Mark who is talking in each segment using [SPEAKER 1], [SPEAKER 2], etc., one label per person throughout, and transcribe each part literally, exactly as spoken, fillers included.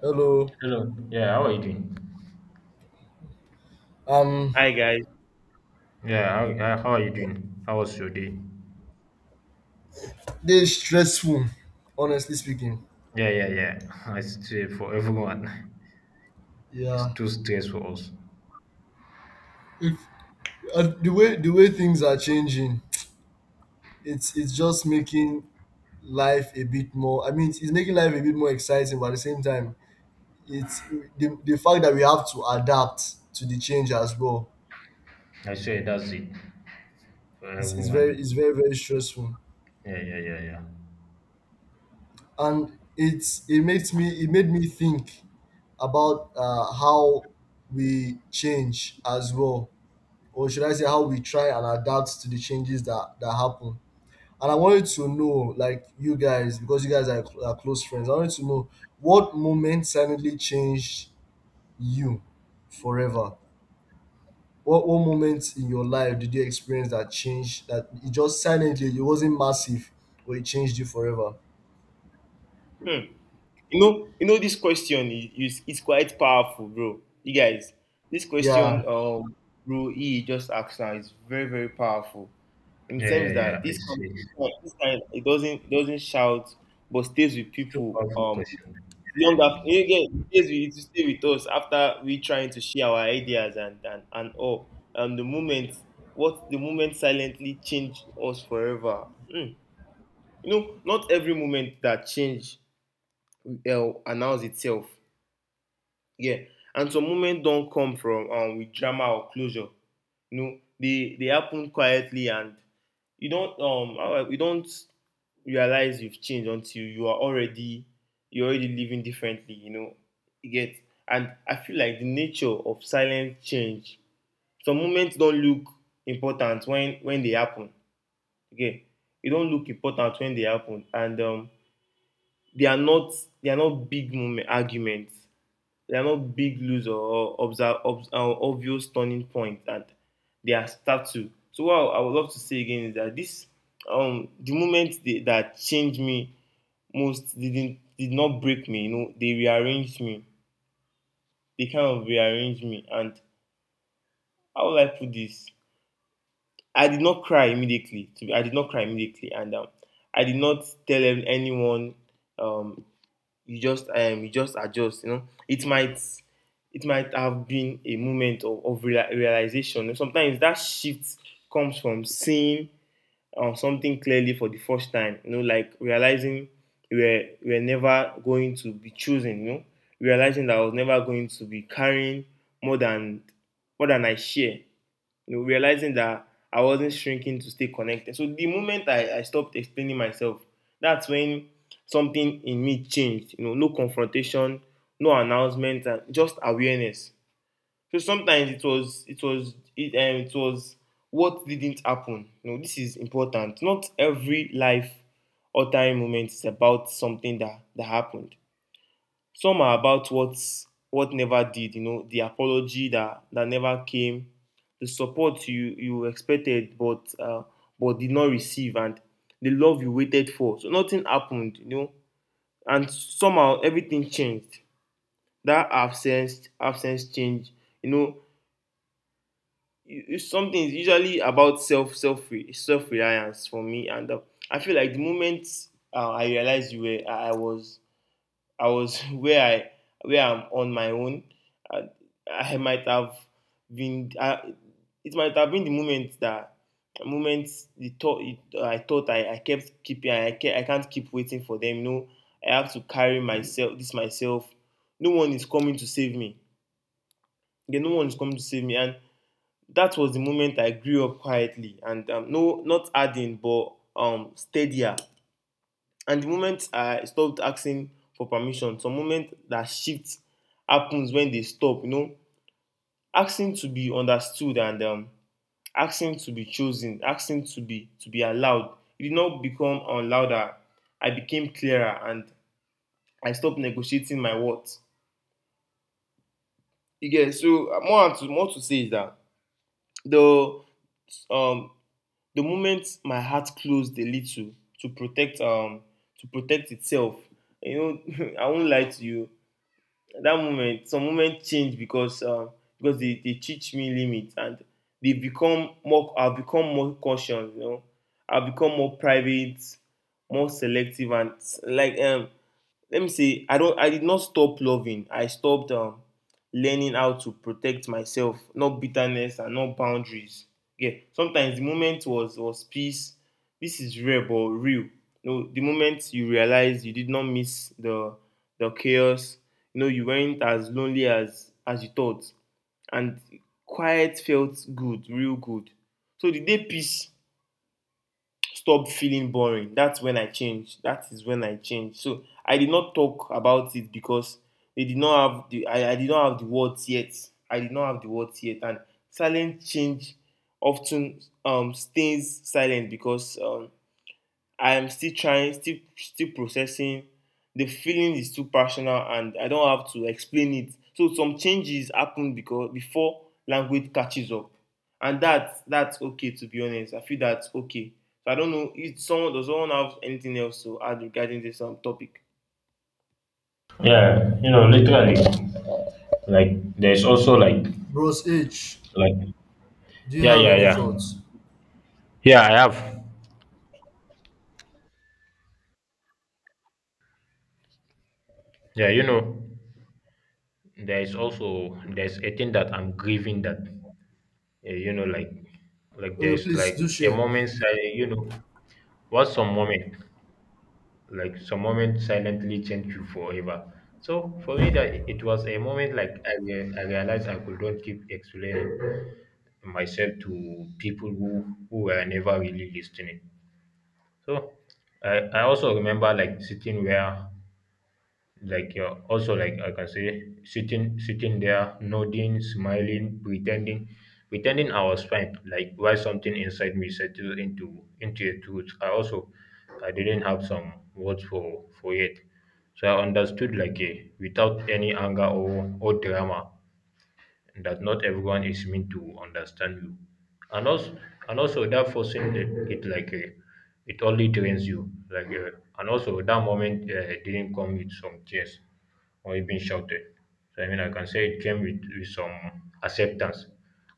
[SPEAKER 1] Hello.
[SPEAKER 2] Hello. Yeah, how are you doing?
[SPEAKER 1] Um,
[SPEAKER 3] Hi guys.
[SPEAKER 2] Yeah, how, uh, how are you doing? How was your day?
[SPEAKER 1] this is stressful, honestly speaking.
[SPEAKER 2] Yeah, yeah, yeah. I say for everyone. It's
[SPEAKER 1] Yeah.
[SPEAKER 2] too stress for us.
[SPEAKER 1] If uh, the way the way things are changing, it's it's just making life a bit more. I mean, it's, it's making life a bit more exciting, but at the same time, it's the, the fact that we have to adapt to the change as well.
[SPEAKER 2] I say that's it for
[SPEAKER 1] It's, it's very
[SPEAKER 2] everyone.
[SPEAKER 1] it's very very stressful,
[SPEAKER 2] Yeah, yeah, yeah, yeah.
[SPEAKER 1] and it's it makes me it made me think about uh, how we change as well, or should I say how we try and adapt to the changes that that happen. And I wanted to know, like, you guys, because you guys are, are close friends. I wanted to know what moment suddenly changed you forever. What what moment in your life did you experience that change? That it just silently, it wasn't massive, but it changed you forever.
[SPEAKER 3] Hmm. You know, you know this question is, is is quite powerful, bro. You guys, this question
[SPEAKER 1] Yeah,
[SPEAKER 3] um bro E just asked now is very, very powerful. In
[SPEAKER 2] Yeah, yeah,
[SPEAKER 3] terms
[SPEAKER 2] yeah.
[SPEAKER 3] that
[SPEAKER 2] I
[SPEAKER 3] this com-
[SPEAKER 2] see.
[SPEAKER 3] this
[SPEAKER 2] It's
[SPEAKER 3] kind, this kind it doesn't it doesn't shout but stays with
[SPEAKER 2] too
[SPEAKER 3] people
[SPEAKER 2] powerful
[SPEAKER 3] um
[SPEAKER 2] question.
[SPEAKER 3] long
[SPEAKER 2] Yeah.
[SPEAKER 3] after, yeah, yeah, it stays with, it stay with us after we trying to share our ideas and and, and all. Um the moment, what the moment silently changed us forever. Hmm. You know, not every moment that change uh, announce itself. Yeah. And some moments don't come from um, with drama or closure. You know, they they happen quietly, and you don't um how you don't realize you've changed until you are already you're already living differently. You know, you get. And I feel like the nature of silent change. Some moments don't look important when when they happen. Okay, they don't look important when they happen, and um, they are not they are not big moment arguments, they are not big lose or observe, obs uh, obvious turning point, and they are startled. So what I would love to say again is that this, um, the moment they, that changed me most didn't did not break me. You know, they rearranged me. They kind of rearranged me, and how would I put this? I did not cry immediately. I did not cry immediately, and um, I did not tell anyone, um, you just um, you just adjust. You know, it might it might have been a moment of, of real, realization. And sometimes that shift comes from seeing uh, something clearly for the first time. You know, like realizing we're we're never going to be chosen. You know, realizing that I was never going to be carrying more than more than I share, you know, realizing that I wasn't shrinking to stay connected. So the moment I, I stopped explaining myself, that's when something in me changed. You know, no confrontation, no announcement, and just awareness. So sometimes it was it was it, um, it was what didn't happen. You know, this is important. Not every life or time moment is about something that that happened. Some are about what what never did, you know, the apology that that never came, the support you you expected but uh, but did not receive, and the love you waited for. So nothing happened, you know, and somehow everything changed. That absence absence change, you know. you- Something is usually about self self self reliance for me, and uh, I feel like the moment, uh, I realized you were I I was I was where I where I'm on my own. I, I might have been. I, it might have been the moment that moments the thought I thought I, I kept keeping. I ke- I can't keep waiting for them. You know, I have to carry myself. This myself. No one is coming to save me. Yeah, no one is coming to save me. And that was the moment I grew up quietly and, um, no, not adding, but um, steadier. And the moment I stopped asking for permission, some moment that shift happens when they stop, you know, asking to be understood and um, asking to be chosen, asking to be to be allowed. It did not become um, louder. I became clearer and I stopped negotiating my worth. You get. So uh, more to more to say is that the um the moment my heart closed a little to protect um to protect itself, you know, I won't lie to you. That moment, some moment change because um, because they, they teach me limits, and they become more I've become more cautious, you know. I've become more private, more selective, and s- like um let me say, I don't, I did not stop loving. I stopped, um, learning how to protect myself, not bitterness and not boundaries. Yeah, sometimes the moment was was peace. This is rare but real. No, the moment you realize you did not miss the the chaos, you know, you weren't as lonely as as you thought, and quiet felt good, real good. So the day peace stop feeling boring, that's when I changed, that is when I changed. So I did not talk about it because they did not have the I, I did not have the words yet. I did not have the words yet, and silent change often, um, stays silent because, um, I am still trying, still still processing. The feeling is too personal, and I don't have to explain it. So some changes happen because before language catches up, and that that's okay. To be honest, I feel that's okay. So I don't know if someone does someone have anything else to add regarding this um, topic.
[SPEAKER 2] Yeah, you know, literally. Like there's also like
[SPEAKER 1] Bros H,
[SPEAKER 2] like
[SPEAKER 1] do you
[SPEAKER 2] yeah,
[SPEAKER 1] have
[SPEAKER 2] yeah,
[SPEAKER 1] any
[SPEAKER 2] yeah.
[SPEAKER 1] thoughts?
[SPEAKER 2] Yeah, I have. Yeah, you know, there is also there's a thing that I'm grieving that eh, you know, like like
[SPEAKER 1] Okay,
[SPEAKER 2] there's
[SPEAKER 1] please
[SPEAKER 2] like
[SPEAKER 1] do
[SPEAKER 2] a
[SPEAKER 1] share.
[SPEAKER 2] moment si- you know, what's some moment, like some moment silently change you forever. So for me, that it it was a moment like i, rea- I realized I could not keep explaining myself to people who who were never really listening. So i i also remember like sitting where like you're also like I can say sitting sitting there nodding, smiling, pretending pretending I was fine, like while something inside me settled into into a truth. I also I didn't have some words for for it. So I understood like a without any anger or or drama, that not everyone is meant to understand you. and also and also that forcing it, it like uh, it only drains you like uh, and also that moment uh, didn't come with some tears or even shouted. So I mean I can say it came with, with some acceptance,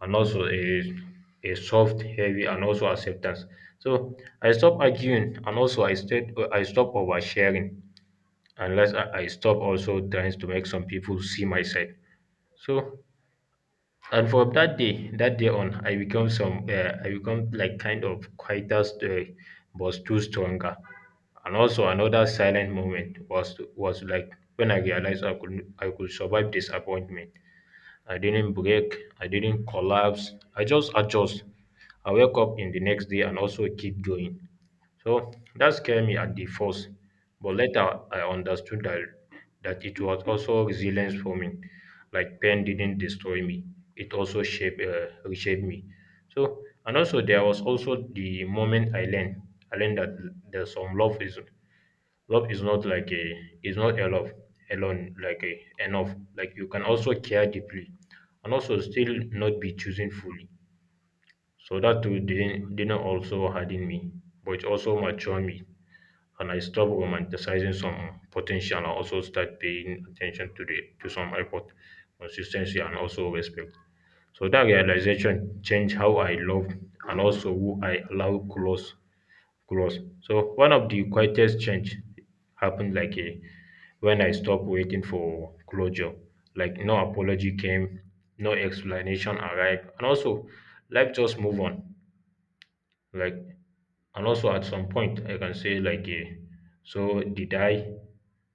[SPEAKER 2] and also a a soft heavy and also acceptance. So I stopped arguing, and also i stayed I stopped oversharing unless i, I stopped also trying to make some people see my side. So, and from that day, that day on, I become some, uh, I become like kind of quieter, st- eh, but too stronger. And also another silent moment was was like when I realized I could I could survive disappointment. I didn't break, I didn't collapse, I just adjust. I wake up in the next day and also keep going. So that scared me at the first, but later I understood that that it was also resilience for me. Like pain didn't destroy me; it also shaped uh, reshaped me. So and also there was also the moment I learned I learned that there's some love is love is not like a is not enough alone like a enough, like you can also care deeply and also still not be choosing fully. So that too didn't didn't also harden me, but it also matured me. And I stopped romanticizing some potential and also start paying attention to the to some effort, consistency, and also respect. So that realization changed how I love and also who I allow close close. So one of the quietest change happened like a, when I stopped waiting for closure. Like no apology came, no explanation arrived, and also life just move on, like, and also at some point I can say like eh, so did I.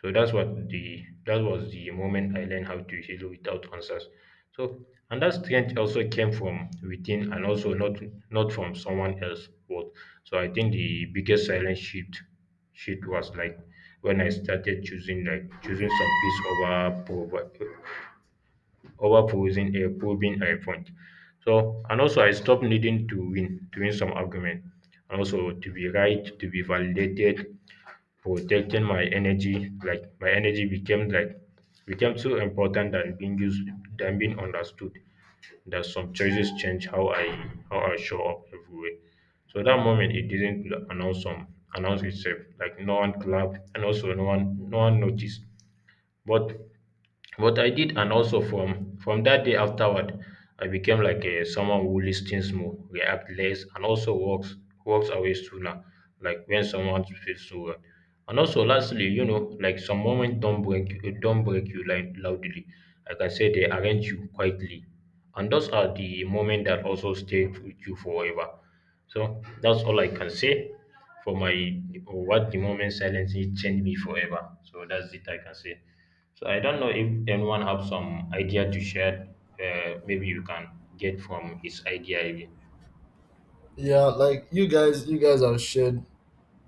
[SPEAKER 2] So that's what the that was the moment I learned how to heal without answers. So, and that strength also came from within and also not not from someone else but. So I think the biggest silent shift shift was like when I started choosing like choosing some peace over provi- over proving a proving a point. So, and also I stopped needing to win to win some argument and also to be right, to be validated, protecting my energy. Like my energy became like became so important than being used than being understood, that some choices change how I how I show up everywhere. So that moment it didn't announce some announce itself. Like no one clapped, and also no one no one noticed. But but I did, and also from from that day afterward, I became like a someone who listens more, react less, and also walks walks away sooner. Like when someone feels so wrong. And also, lastly, you know, like some moments don't break you, don't break you like loudly. Like I can say they arrange you quietly, and those are the moments that also stay with you forever. So that's all I can say for my or what the moment silence changed me forever. So that's it I can say. So I don't know if anyone have some idea to share. Uh, maybe you can get from his idea again.
[SPEAKER 1] Yeah, like you guys, you guys have shared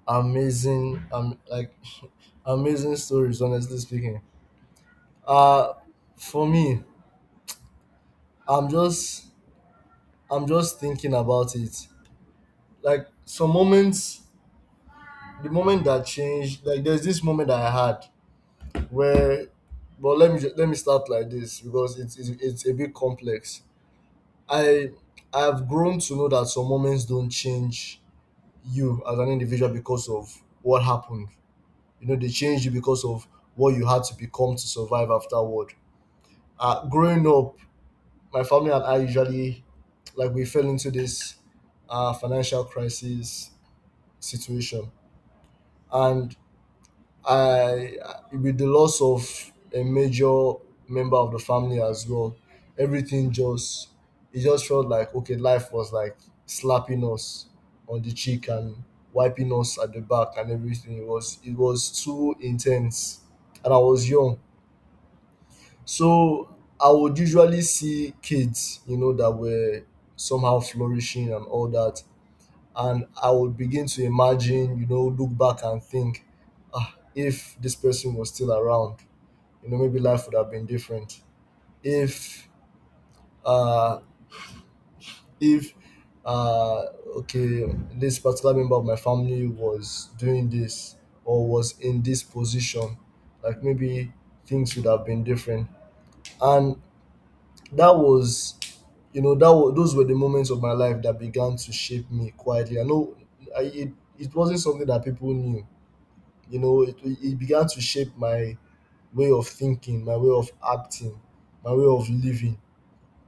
[SPEAKER 1] amazing, um, like amazing stories, honestly speaking. Uh for me, I'm just I'm just thinking about it. Like, some moments, the moment that changed, like there's this moment that I had where, but let me ju- let me start like this, because it's it's, it's a bit complex. I I've grown to know that some moments don't change you as an individual because of what happened. You know, they change you because of what you had to become to survive afterward. Uh, growing up, my family and I usually, like, we fell into this uh, financial crisis situation, and I, with the loss of a major member of the family as well, everything just, it just felt like, okay, life was like slapping us on the cheek and wiping us at the back and everything. It was it was too intense, and I was young. So I would usually see kids, you know, that were somehow flourishing and all that. And I would begin to imagine, you know, look back and think, ah, if this person was still around, you know, maybe life would have been different. If, uh, if, uh, okay, this particular member of my family was doing this or was in this position, like, maybe things would have been different. And that was, you know, that was, those were the moments of my life that began to shape me quietly. I know I, it, it wasn't something that people knew, you know, it, it began to shape my way of thinking, my way of acting, my way of living,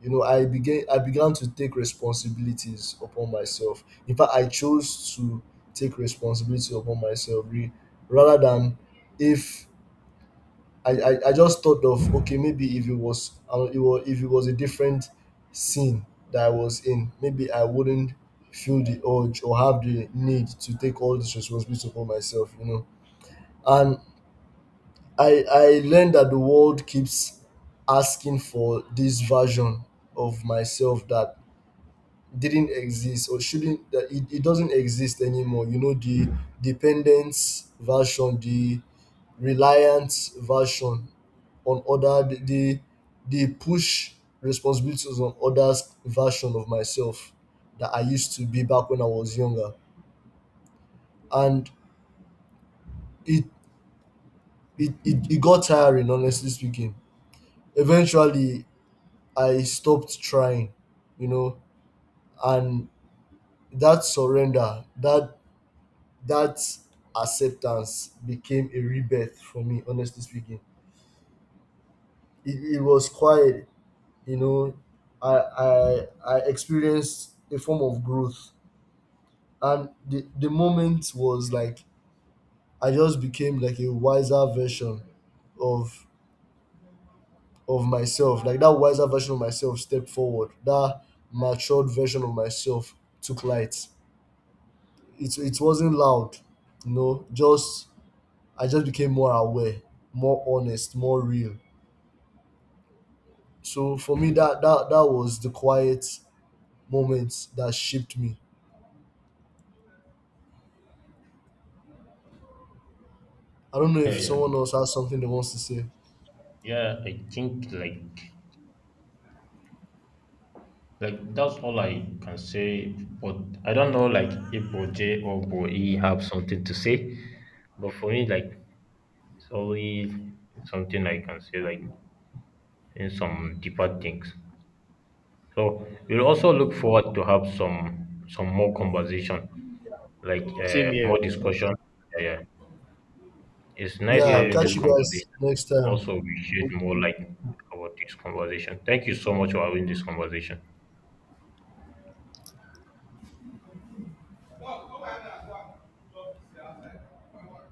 [SPEAKER 1] you know. I began i began to take responsibilities upon myself. In fact, I chose to take responsibility upon myself, re- rather than, if I, I I just thought of, okay, maybe if it was uh, it was, if it was a different scene that I was in, maybe I wouldn't feel the urge or have the need to take all this responsibility upon myself, you know. And I I learned that the world keeps asking for this version of myself that didn't exist, or shouldn't, that it, it doesn't exist anymore, you know, the dependence version, the reliance version on other, the the, the push responsibilities on others version of myself that I used to be back when I was younger. And it it, it, it got tiring, honestly speaking. Eventually, I stopped trying, you know. And that surrender, that that acceptance became a rebirth for me, honestly speaking. It, it was quiet, you know. I, I I experienced a form of growth. And the, the moment was like, I just became like a wiser version of of myself. Like, that wiser version of myself stepped forward, that matured version of myself took light. It, it wasn't loud, you know, just I just became more aware, more honest, more real. So for me, that that that was the quiet moment that shaped me. I don't know
[SPEAKER 2] Yeah,
[SPEAKER 1] if
[SPEAKER 2] yeah,
[SPEAKER 1] someone else has something they wants to say.
[SPEAKER 2] yeah. I think like like that's all I can say. But I don't know like if Boje or Boe have something to say. But for me, like it's only something I can say like in some deeper things. So we'll also look forward to have some some more conversation, like
[SPEAKER 3] Same
[SPEAKER 2] uh,
[SPEAKER 3] here.
[SPEAKER 2] more discussion. Yeah, yeah. It's nice
[SPEAKER 1] Yeah,
[SPEAKER 3] Yeah.
[SPEAKER 2] having this
[SPEAKER 1] catch you guys
[SPEAKER 2] conversation.
[SPEAKER 1] next time.
[SPEAKER 2] Also, we shared more like
[SPEAKER 3] Okay.
[SPEAKER 2] about this conversation. Thank you so much for having this conversation.